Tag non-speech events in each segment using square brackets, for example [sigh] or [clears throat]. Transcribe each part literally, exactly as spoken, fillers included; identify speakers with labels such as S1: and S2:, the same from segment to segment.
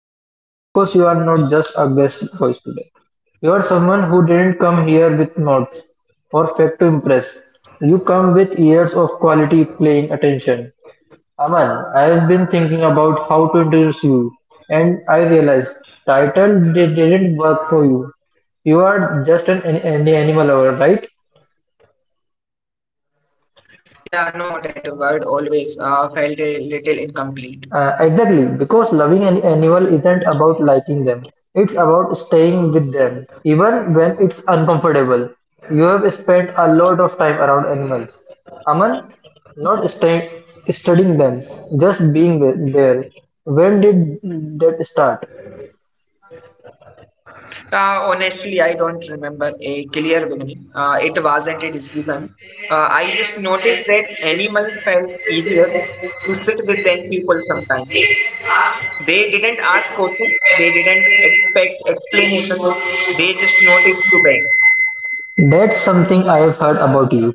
S1: Down because you are not just a guest voice today. You are someone who didn't come here with notes or fact to impress. You come with years of quality playing attention. Aman, I have been thinking about how to introduce you, and I realized title di- didn't work for you. You are just an, an animal lover, right?
S2: Yeah, no, that word always uh, felt a little incomplete.
S1: Uh, exactly, because loving an animal isn't about liking them, it's about staying with them, even when it's uncomfortable. You have spent a lot of time around animals. Aman, not staying, studying them, just being the- there. When did that start?
S2: Uh, honestly, I don't remember a clear beginning. Uh, it wasn't a decision. Uh, I just noticed that animal felt easier to sit with than people sometimes. They didn't ask questions, they didn't expect explanations, they just noticed to beg.
S1: That's something I have heard about you.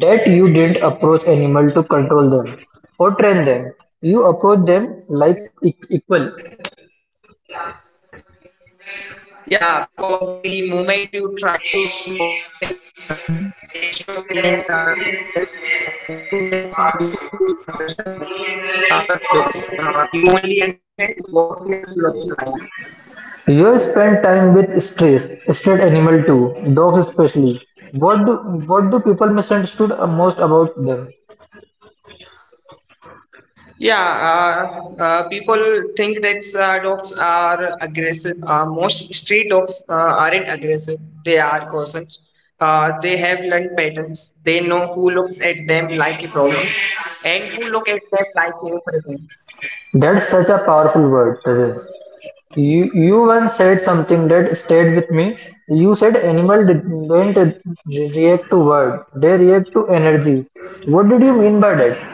S1: That you didn't approach animal to control them or train them. You approach them like e- equal.
S2: Yeah, because the moment you try to dominate an animal, they stop being uh, themselves, and you then you think you understand them, uh, but you don't. Uh, you only understand what fears look like.
S1: You spend time with strays, street animal too, dogs especially. What do what do people misunderstood most about them?
S2: Yeah, uh, uh, people think that uh, dogs are aggressive. Uh, most street dogs uh, aren't aggressive. They are cautious. Uh, they have learned patterns. They know who looks at them like a problem and who look at them like a present.
S1: That's such a powerful word, presence. You you once said something that stayed with me. You said animal did- didn't re- react to word; they react to energy. What did you mean by that?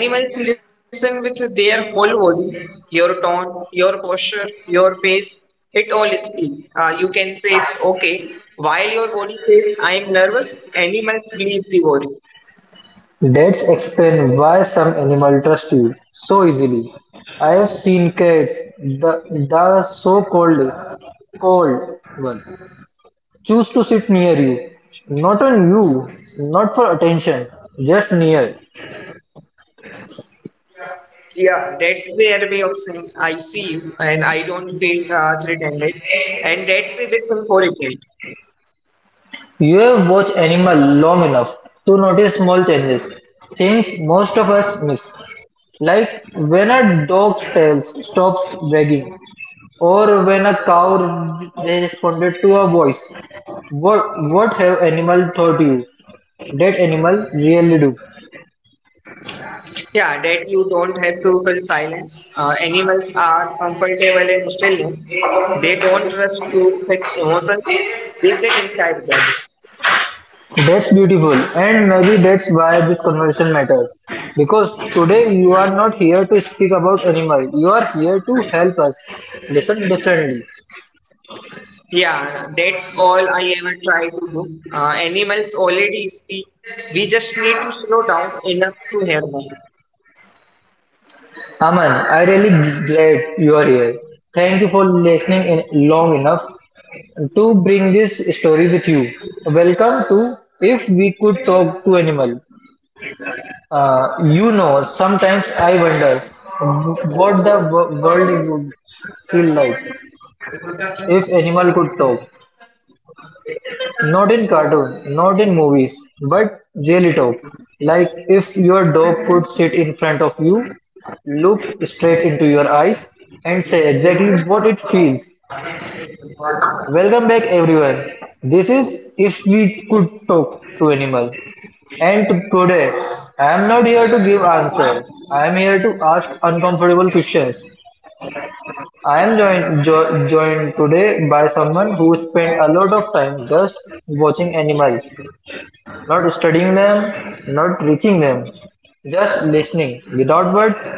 S2: Yeah, animals listen with their whole body, your tone, your posture, your pace, it all speaks. Uh, you can say it's okay. While your body says, I'm nervous, animals believe the body.
S1: That's explain why some animal trust you so easily. I have seen cats, the the so called cold ones choose to sit near you. Not on you, not for attention, just near.
S2: Yeah, that's their way of saying, I see you and I don't feel uh, threatened, right? And that's a good thing for it, right?
S1: You have watched animal long enough to notice small changes, things most of us miss. Like when a dog's tail stops wagging, or when a cow responded to a voice. What, what have animal taught you? That animal really do.
S2: Yeah, that you don't have to feel silence. Uh, animals are comfortable in stillness. They don't rush to fix emotions. They sit inside them.
S1: That's beautiful, and maybe that's why this conversation matters. Because today you are not here to speak about animal. You are here to help us listen differently.
S2: Yeah, that's all I ever try to do. Uh, animals already speak. We just need to slow down enough to hear them.
S1: Aman, I really glad you are here. Thank you for listening in long enough to bring this story with you. Welcome to If We Could Talk to Animal. Uh, you know, sometimes I wonder what the w- world would feel like if animal could talk. Not in cartoon, not in movies, but really talk. Like if your dog could sit in front of you, look straight into your eyes, and say exactly what it feels. Welcome back, everyone. This is If We Could Talk to Animal. And today, I am not here to give answer. I am here to ask uncomfortable questions. I am joined, jo- joined today by someone who spent a lot of time just watching animals, not studying them, not reaching them, just listening without words.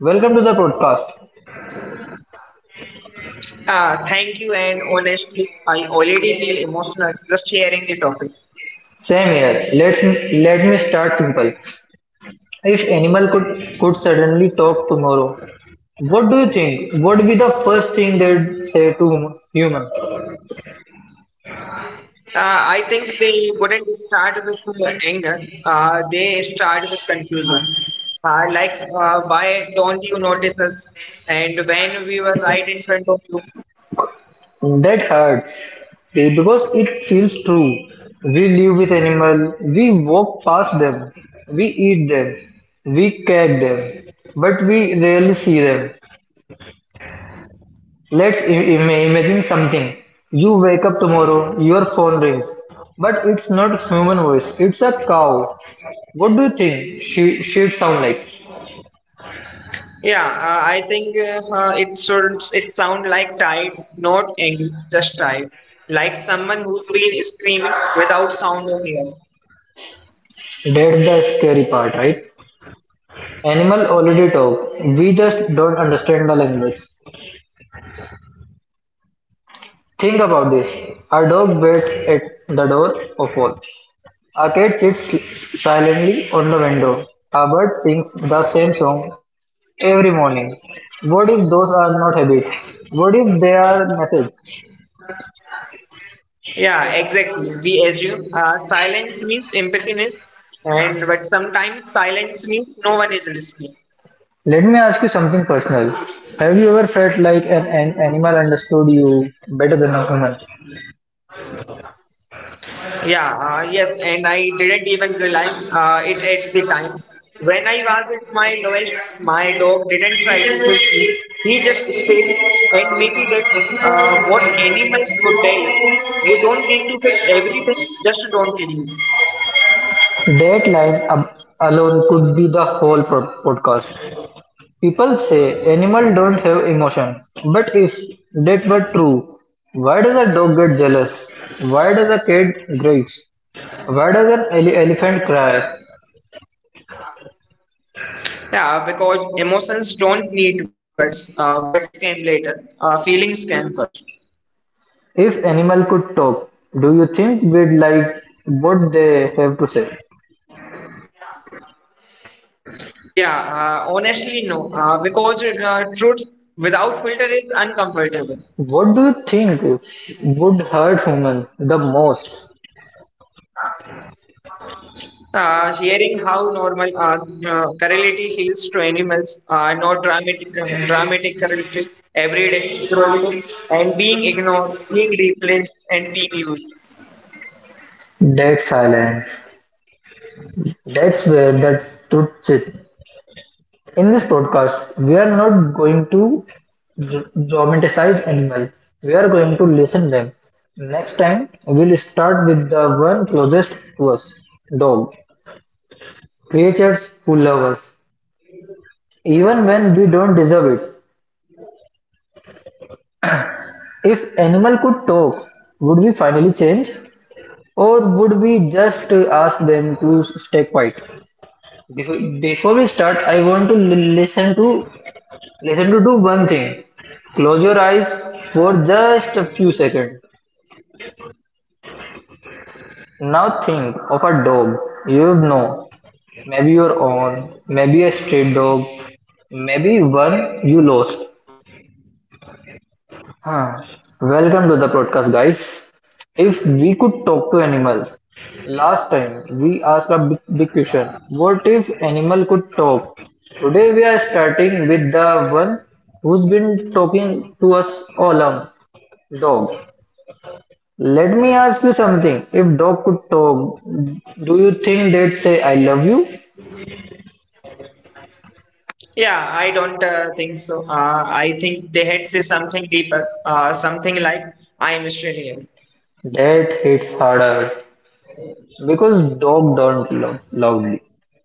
S1: Welcome to the podcast.
S2: Uh, thank you, and honestly, I already feel emotional just sharing the topic.
S1: Same here. Let's let me start simple. If animal could could suddenly talk tomorrow, what do you think would be the first thing they'd say to hum- human?
S2: Uh, I think they wouldn't start with uh, anger, uh, they start with confusion. Uh, like, uh, why don't you notice us? And when we were right in front of you,
S1: That hurts be- because it feels true. We live with animal, we walk past them, we eat them, we cag them, but we rarely see them. Let's i- im- imagine something. You wake up tomorrow, your phone rings. But it's not human voice, it's a cow. What do you think she, she'd sound like?
S2: Yeah, uh, I think uh, uh, it should it sound like tired, not angry, just tired. Like someone who's been screaming without sound or air.
S1: That's the scary part, right? Animal already talk. We just don't understand the language. Think about this. A dog waits at the door of all. A cat sits si-, silently on the window. A bird sings the same song every morning. What if those are not habits? What if they are messages?
S2: Yeah, exactly. We assume uh, silence means empathiness, and but sometimes silence means no one is listening.
S1: Let me ask you something personal. Have you ever felt like an, an animal understood you better than a human?
S2: Yeah, uh, yes, and I didn't even realize uh, it at the time. When I was at my lowest, my dog didn't try to fix me. He just stayed, and maybe that's uh, what animals would tell us. You don't need to fix everything, just don't need.
S1: That line ab- alone could be the whole pro- podcast. People say animals don't have emotion, but if that were true, why does a dog get jealous? Why does a cat grieve? Why does an ele- elephant cry?
S2: Yeah, because emotions don't need words. Uh, words came later. Uh, feelings came first.
S1: If animal could talk, do you think we'd like what they have to say?
S2: Yeah, uh, honestly, no. Uh, because uh, truth without filter is uncomfortable.
S1: What do you think would hurt human the most?
S2: Uh, hearing how normal uh, uh, correlative heals to animals, uh, no dramatic, uh, dramatic correlative every day correlative and being ignored, being replaced, and being used.
S1: Dead silence. That's where the truth sits. In this podcast, we are not going to jo- romanticize animal. We are going to listen them. Next time, we'll start with the one closest to us, dog. Creatures who love us, even when we don't deserve it. If animal could talk, would we finally change? Or would we just ask them to stay quiet? Before, before we start, I want to li- listen to listen to do one thing. Close your eyes for just a few seconds. Now think of a dog you know, maybe your own, maybe a stray dog, maybe one you lost. Huh. Welcome to the podcast, guys. If we could talk to animals, last time we asked a big, big question: what if animal could talk? Today we are starting with the one who's been talking to us all along, dog. Let me ask you something: if dog could talk, do you think they'd say I love you?
S2: Yeah, I don't uh, think so. Uh, I think they had say something deeper, uh, something like I am still here.
S1: That hits harder because dog don't love loudly,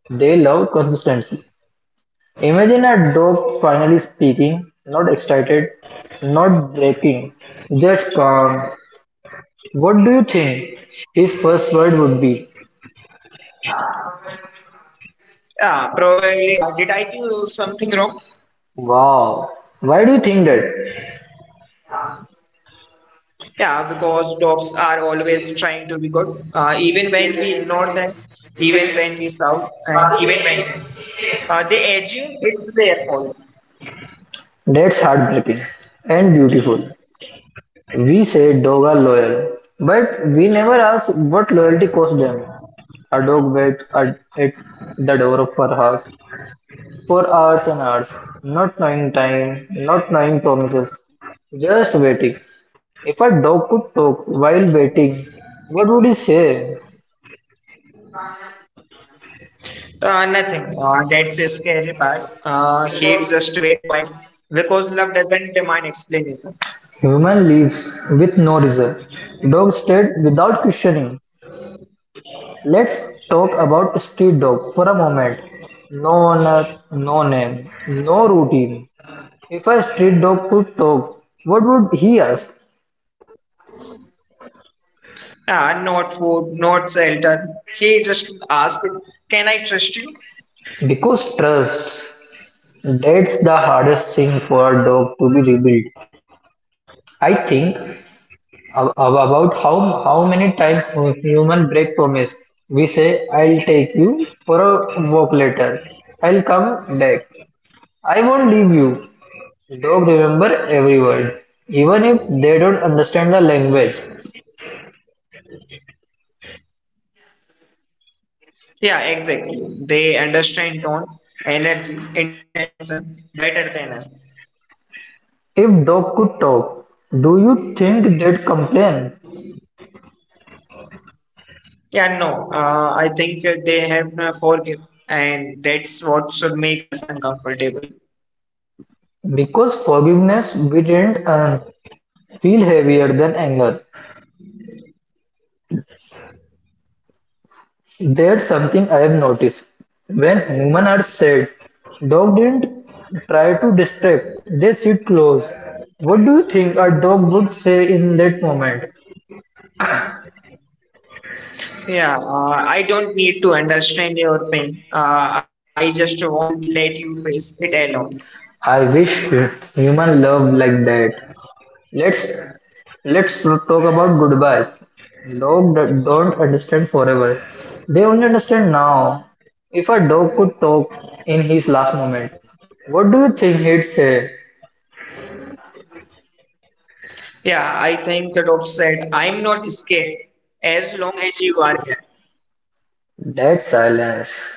S1: they love consistency. Imagine a dog finally speaking, not excited, not breaking, just calm. What do you think his first word would be?
S2: Yeah, probably. Uh, did I do something wrong?
S1: Wow. Why do you think that?
S2: Yeah, because dogs are always trying to be good, uh, even when we ignore them, even when we shout, and even when uh, they assume it's their fault.
S1: That's heartbreaking and beautiful. We say dogs are loyal, but we never ask what loyalty cost them. A dog waits at, at the door of our house for hours and hours, not knowing time, not knowing promises, just waiting. If a dog could talk while waiting, what would he say?
S2: Uh, nothing. Uh, that's a scary part. Uh, hate just wait quietly because love doesn't demand explanation.
S1: Human leaves with no result. Dog stayed without questioning. Let's talk about street dog for a moment. No owner, no name, no routine. If a street dog could talk, what would he ask?
S2: Uh, not food, not shelter. He just asked, can I trust you?
S1: Because trust, that's the hardest thing for a dog to be rebuilt. I think Ab- ab- about how how many times human break promise. We say, "I'll take you for a walk later. I'll come back. I won't leave you." Dog remember every word, even if they don't understand the language.
S2: Yeah, exactly. They understand tone, energy, intention better than us.
S1: If dog could talk, do you think they'd complain?
S2: Yeah, no, uh, I think uh, they have uh, forgiven, and that's what should make us uncomfortable.
S1: Because forgiveness we didn't earn feel heavier than anger. There's something I have noticed. When humans are sad, dog didn't try to distract, they sit close. What do you think a dog would say in that moment?
S2: Yeah, uh, I don't need to understand your pain. Uh, I just won't let you face it alone.
S1: I wish human love like that. Let's let's talk about goodbyes. Dogs don't understand forever. They only understand now. If a dog could talk in his last moment, what do you think he'd say?
S2: Yeah, I think Rob said, I'm not scared as long as you are here.
S1: That silence.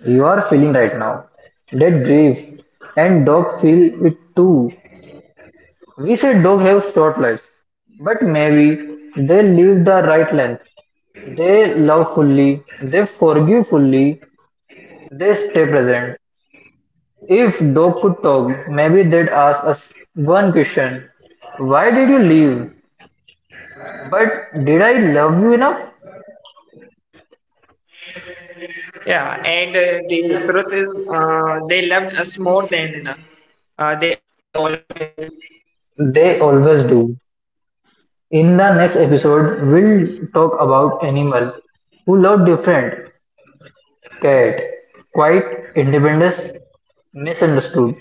S1: You are feeling right now. That grief and dog feel it too. We say dog have short lives, but maybe they live the right length. They love fully, they forgive fully, they stay present. If dog could talk, maybe they'd ask us one question. Why did you leave? But did I love you enough?
S2: Yeah, and uh, the truth is, uh, they loved us more than enough. Uh, they always do.
S1: They always do. In the next episode, we'll talk about animal who love different, cat, quite independent, misunderstood,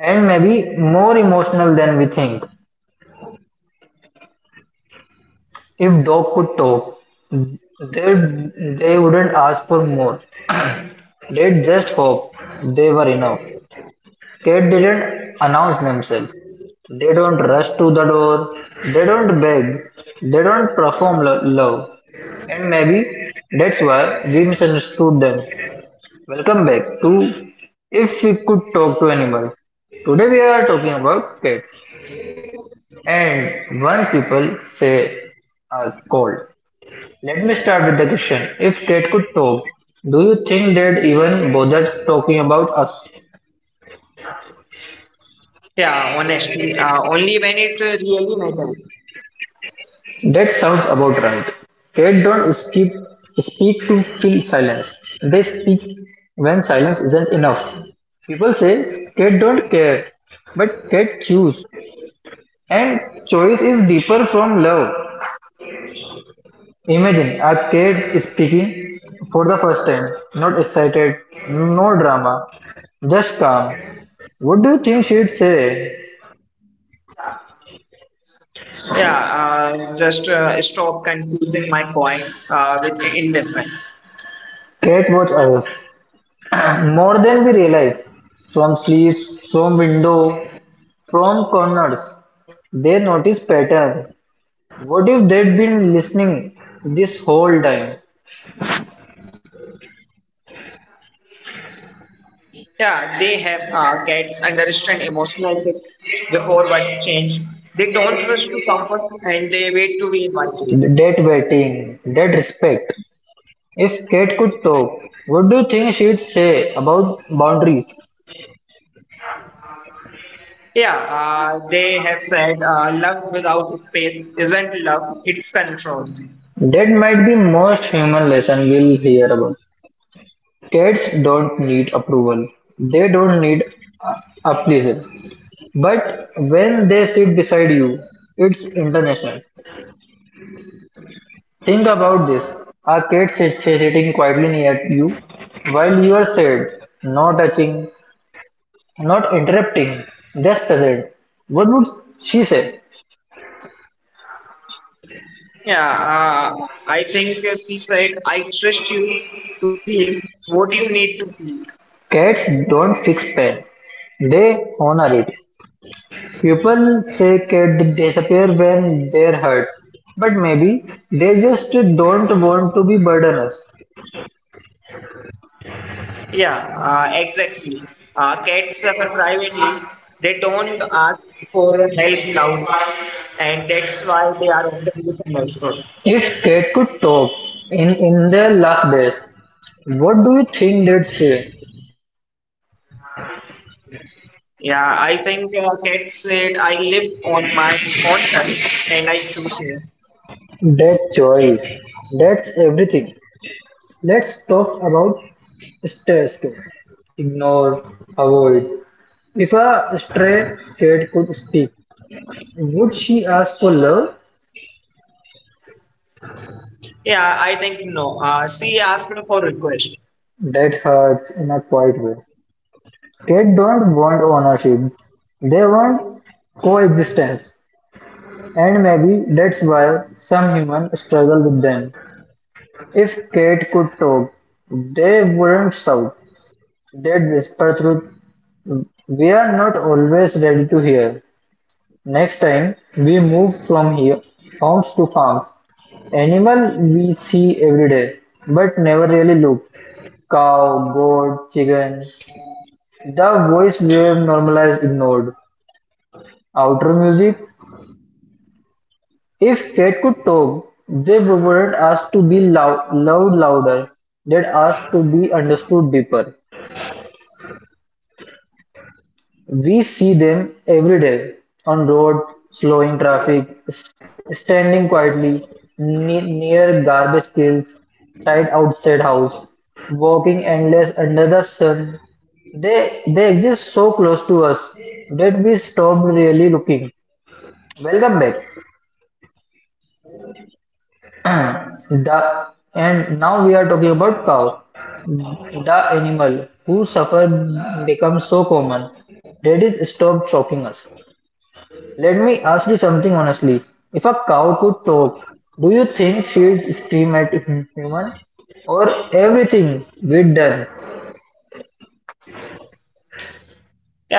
S1: and maybe more emotional than we think. If dog could talk, they, they wouldn't ask for more. They just hope they were enough. Cat didn't announce themselves. They don't rush to the door. They don't beg. They don't perform lo- love. And maybe that's why we misunderstood them. Welcome back to If We Could Talk to Animals. Today we are talking about cats. And once people say a cold. Let me start with the question. If cat could talk, do you think they'd even bother talking about us?
S2: Yeah, honestly, uh, only when it uh, really matters.
S1: That sounds about right. Cat don't skip, speak to fill silence. They speak when silence isn't enough. People say cat don't care, but cat choose. And choice is deeper from love. Imagine a kid speaking for the first time, not excited, no drama, just calm. What do you think she'd say?
S2: Yeah, uh, just uh, stop confusing my point uh, with indifference.
S1: Cat watch us [clears throat] more than we realize, from sleeves, from window, from corners. They notice pattern. What if they'd been listening this whole time?
S2: Yeah, they have uh, cats understand emotional fit before what change. They don't rush to comfort and they wait to be invited.
S1: That waiting, that respect. If Kate could talk, what do you think she'd say about boundaries?
S2: Yeah, uh, they have said uh, love without space isn't love, it's control.
S1: That might be most human lesson we'll hear about. Cats don't need approval. They don't need a- but when they sit beside you, it's international. Think about this. A cat sits sitting quietly near you while you are sad, not touching, not interrupting, just present. What would she say?
S2: Yeah, uh, I think uh, she said, I trust you to feel what you need to feel.
S1: Cats don't fix pain, they honor it. People say cats disappear when they're hurt, but maybe they just don't want to be burdenous.
S2: Yeah, uh, exactly. Uh, cats suffer privately. They don't ask for help loudly, and that's why they are often misunderstood.
S1: If cat could talk in, in their last days, what do you think they'd say?
S2: Yeah, I think uh, cats said, I live on my own terms and I choose here.
S1: That choice, that's everything. Let's talk about stay skill. Ignore, avoid. If a stray cat could speak, would she ask for love?
S2: Yeah, I think no. Uh, she asked for request.
S1: That hurts in a quiet way. Cats don't want ownership, they want coexistence, and maybe that's why some humans struggle with them. If cat could talk, they wouldn't shout. They'd whisper truth we are not always ready to hear. Next time we move from here, homes to farms. Animal we see every day, but never really look. Cow, goat, chicken, the voice wave normalized ignored outro music. If Cat could talk, they weren't asked to be loud, loud louder, they'd asked to be understood deeper. We see them every day on road, slowing traffic, s- standing quietly ne- near garbage cans, tied outside house, walking endless under the sun. They they exist so close to us that we stopped really looking. Welcome back. The And now we are talking about cow, the animal whose suffer becomes so common that it stopped shocking us. Let me ask you something honestly. If a cow could talk, do you think she'd scream at human? Or everything we've done?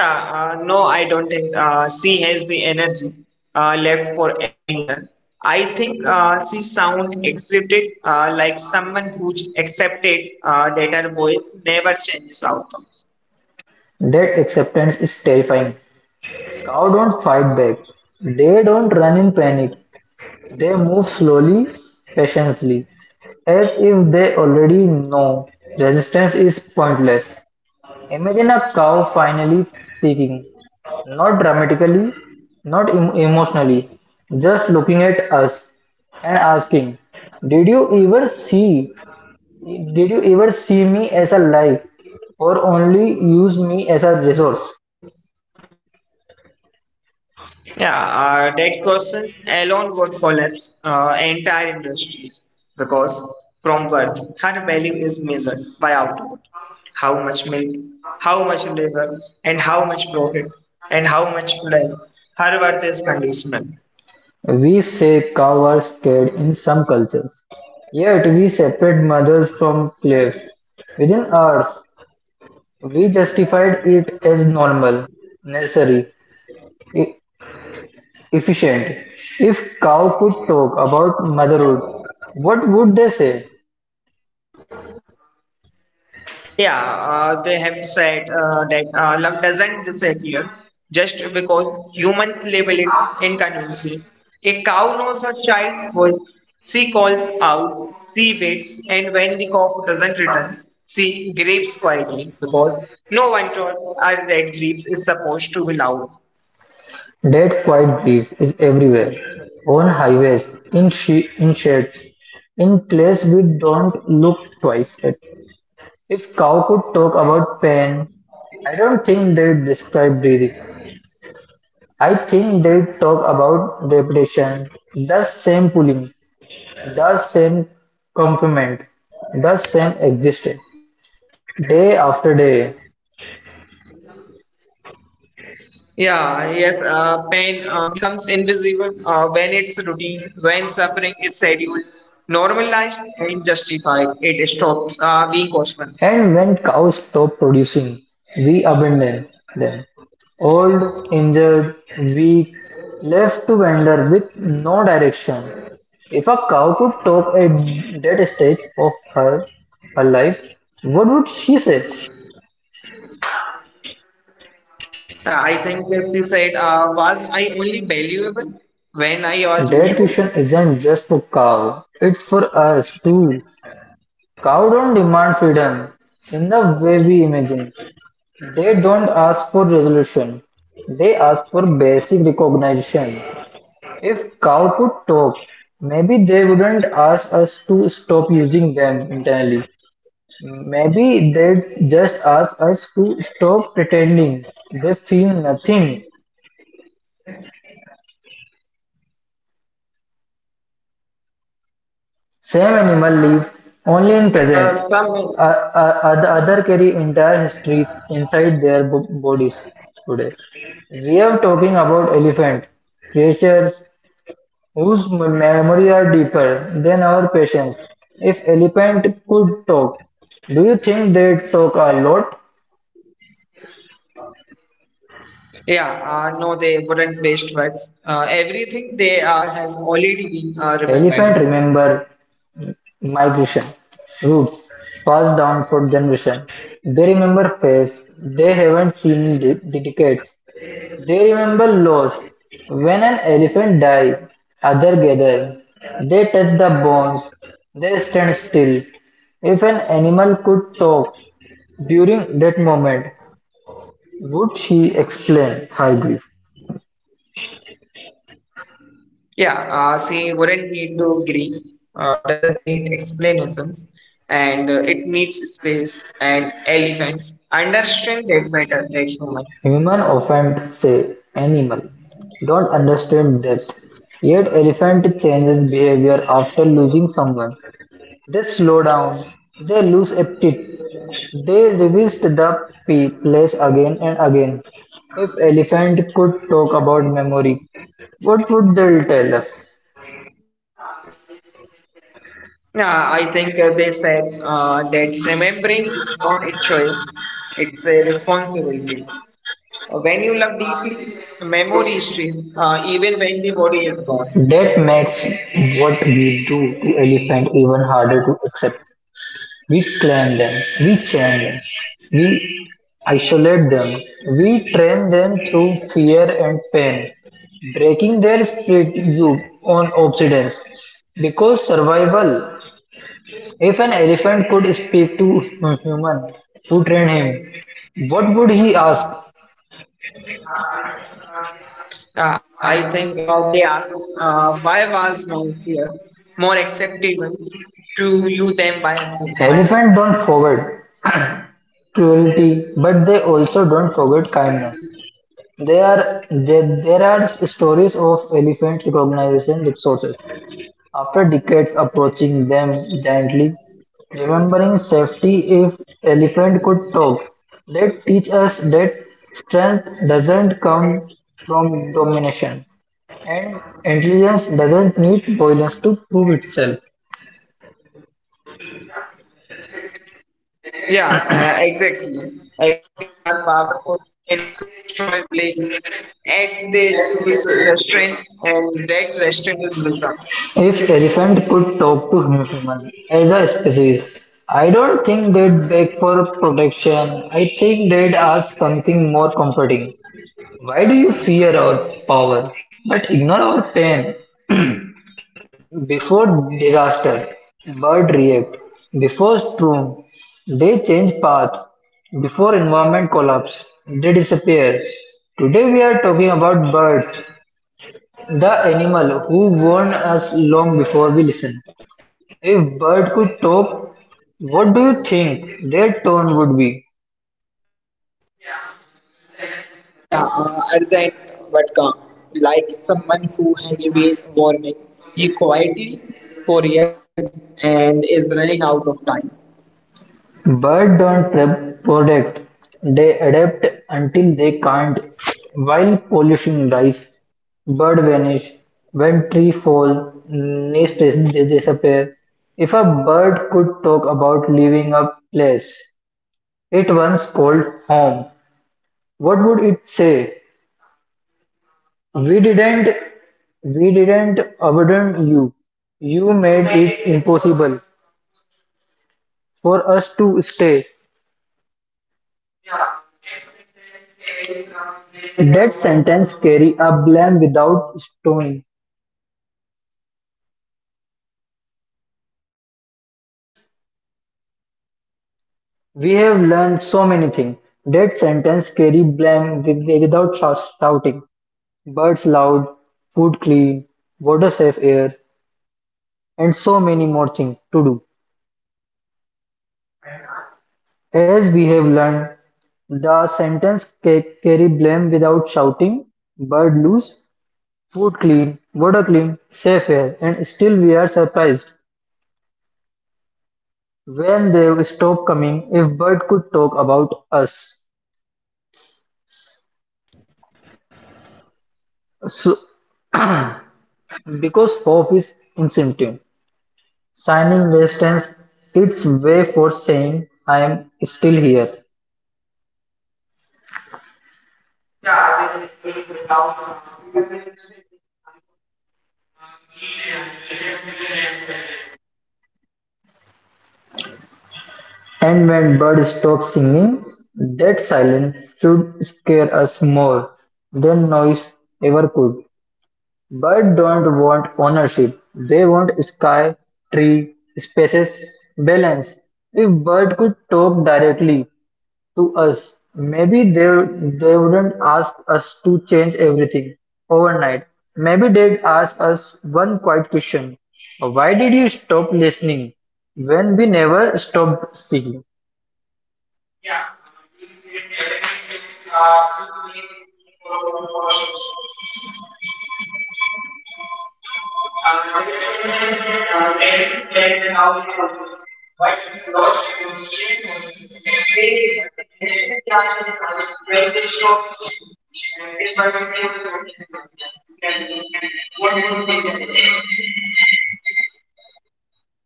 S2: Yeah, uh, no, I don't think uh, she has the energy uh, left for anger. I think uh, she sound exited uh, like someone who accepted uh, that her voice never changes outcome.
S1: That acceptance is terrifying. Cow don't fight back. They don't run in panic. They move slowly, patiently. As if they already know resistance is pointless. Imagine a cow finally speaking, not dramatically, not em- emotionally, just looking at us and asking, did you ever see? Did you ever see me as a life or only use me as a resource?
S2: Yeah, uh, that questions alone would collapse uh, entire industries because from worth, her value is measured by output how much milk, how much labor, and how much profit, and how much life. Her worth is conditional.
S1: We say cows are scared in some cultures, yet we separate mothers from slaves within hours. We justified it as normal, necessary, e- efficient. If cow could talk about motherhood, what would they say?
S2: Yeah, uh, they have said uh, that uh, love doesn't disappear just because humans label it inconvenience. A cow knows her child's voice. She calls out, she waits, and when the cow doesn't return, she grieves quietly because no one told her that grief is supposed to be loud.
S1: That quiet grief is everywhere, on highways, in, she- in sheds, in place we don't look twice at. If cow could talk about pain, I don't think they'd describe breathing. I think they'd talk about repetition, the same pulling, the same complement, the same existed, day after day,
S2: Yeah, yes, uh, pain uh, becomes invisible uh, when it's routine, when suffering is scheduled, normalized, and justified. It stops uh, being costly.
S1: and when cows stop producing, we abandon them. Old, injured, weak, left to wander with no direction. If a cow could talk at that stage of her, her life, what would she say?
S2: Uh, I think, as you said, uh, was I only valuable when I was
S1: That
S2: useful?
S1: question isn't just for cow, it's for us too. Cow don't demand freedom in the way we imagine. They don't ask for resolution, they ask for basic recognition. If cow could talk, maybe they wouldn't ask us to stop using them internally. Maybe they'd just ask us to stop pretending they feel nothing. Same animal live only in present.
S2: Uh, some,
S1: Uh, uh, oth- other carry entire histories inside their bo- bodies today. We are talking about elephant creatures whose m- memory are deeper than our patience. If elephant could talk, do you think they talk a lot?
S2: yeah, uh, no, they wouldn't waste words. Uh, everything they are has already been uh, remembered.
S1: Elephant remember migration, roots, passed down for generation. They remember face they haven't seen in de- decades. They remember loss. When an elephant die, other gather. They touch the bones. They stand still. If an animal could talk during that moment, would she explain her grief?
S2: Yeah, uh, see, wouldn't need to agree, uh, doesn't need explanations, and uh, it needs space and elephants understand that better, that human.
S1: Human often say animal don't understand death, yet elephant changes behavior after losing someone. They slow down, they lose appetite, they revisit the p- place again and again. If elephant could talk about memory, what would they tell us?
S2: Yeah, I think uh, they said uh, that remembering is not a choice, it's a responsibility. Uh, When you love deeply, memory stays, uh, even when the body is gone.
S1: That makes what we do to elephant even harder to accept. We claim them, we chain them, we isolate them, we train them through fear and pain, breaking their spirit you on obedience. Because survival, if an elephant could speak to a human who trained him, what would he ask?
S2: Uh, I think uh, they are uh, why was my fear more acceptable to you than by my
S1: Elephants
S2: freedom?
S1: don't forget cruelty, but they also don't forget kindness. There are there, there are stories of elephant recognition resources. After decades approaching them gently, remembering safety if elephant could talk, they teach us that strength doesn't come from domination and intelligence doesn't need violence to prove itself.
S2: Yeah, uh, exactly. Elephants are powerful enough to destroy villages, and they choose restraint, and that restraint is wisdom.
S1: If elephant could talk to hum- human as a species, I don't think they'd beg for protection. I think they'd ask something more comforting. Why do you fear our power, but ignore our pain? Before disaster, birds react; before storm, they change path; before environment collapse, they disappear. Today we are talking about birds, the animal who warned us long before we listen. If bird could talk, what do you think their tone would be? Birds don't reproduce; they adapt until they can't. While pollution rise, birds vanish. When trees fall, nests dis- disappear. If a bird could talk about leaving a place it once called home, what would it say? We didn't, we didn't abandon you. You made it impossible for us to stay. Death sentence carry a blame without stoning. We have learned so many things. Death sentence carry blame wi- without shous- shouting. Birds loud, food clean, water safe air, and so many more things to do. As we have learned, the sentence ca- carry blame without shouting. Bird loose, food clean, water clean, safe air, and still we are surprised when they stop coming, if bird could talk about us. So, because hope is instinctive, signing resistance, its way for saying I am still here. And when bird stops singing, that silence should scare us more than noise ever could. Birds don't want ownership. They want sky, tree, spaces, balance. If bird could talk directly, to us. Maybe they they wouldn't ask us to change everything overnight. Maybe they'd ask us one quiet question. Why did you stop listening when we never stopped speaking?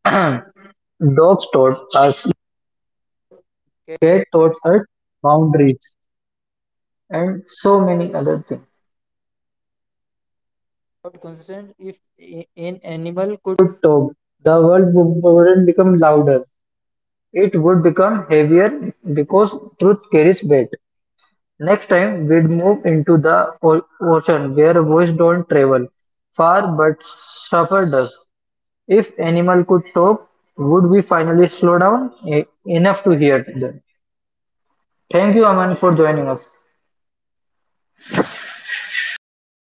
S1: [clears throat] Dogs would become heavier because truth carries weight. Next time we'd move into the o- ocean where voice don't travel far but suffer does. If animal could talk, would we finally slow down E- enough to hear them? Thank you, Aman, for joining us.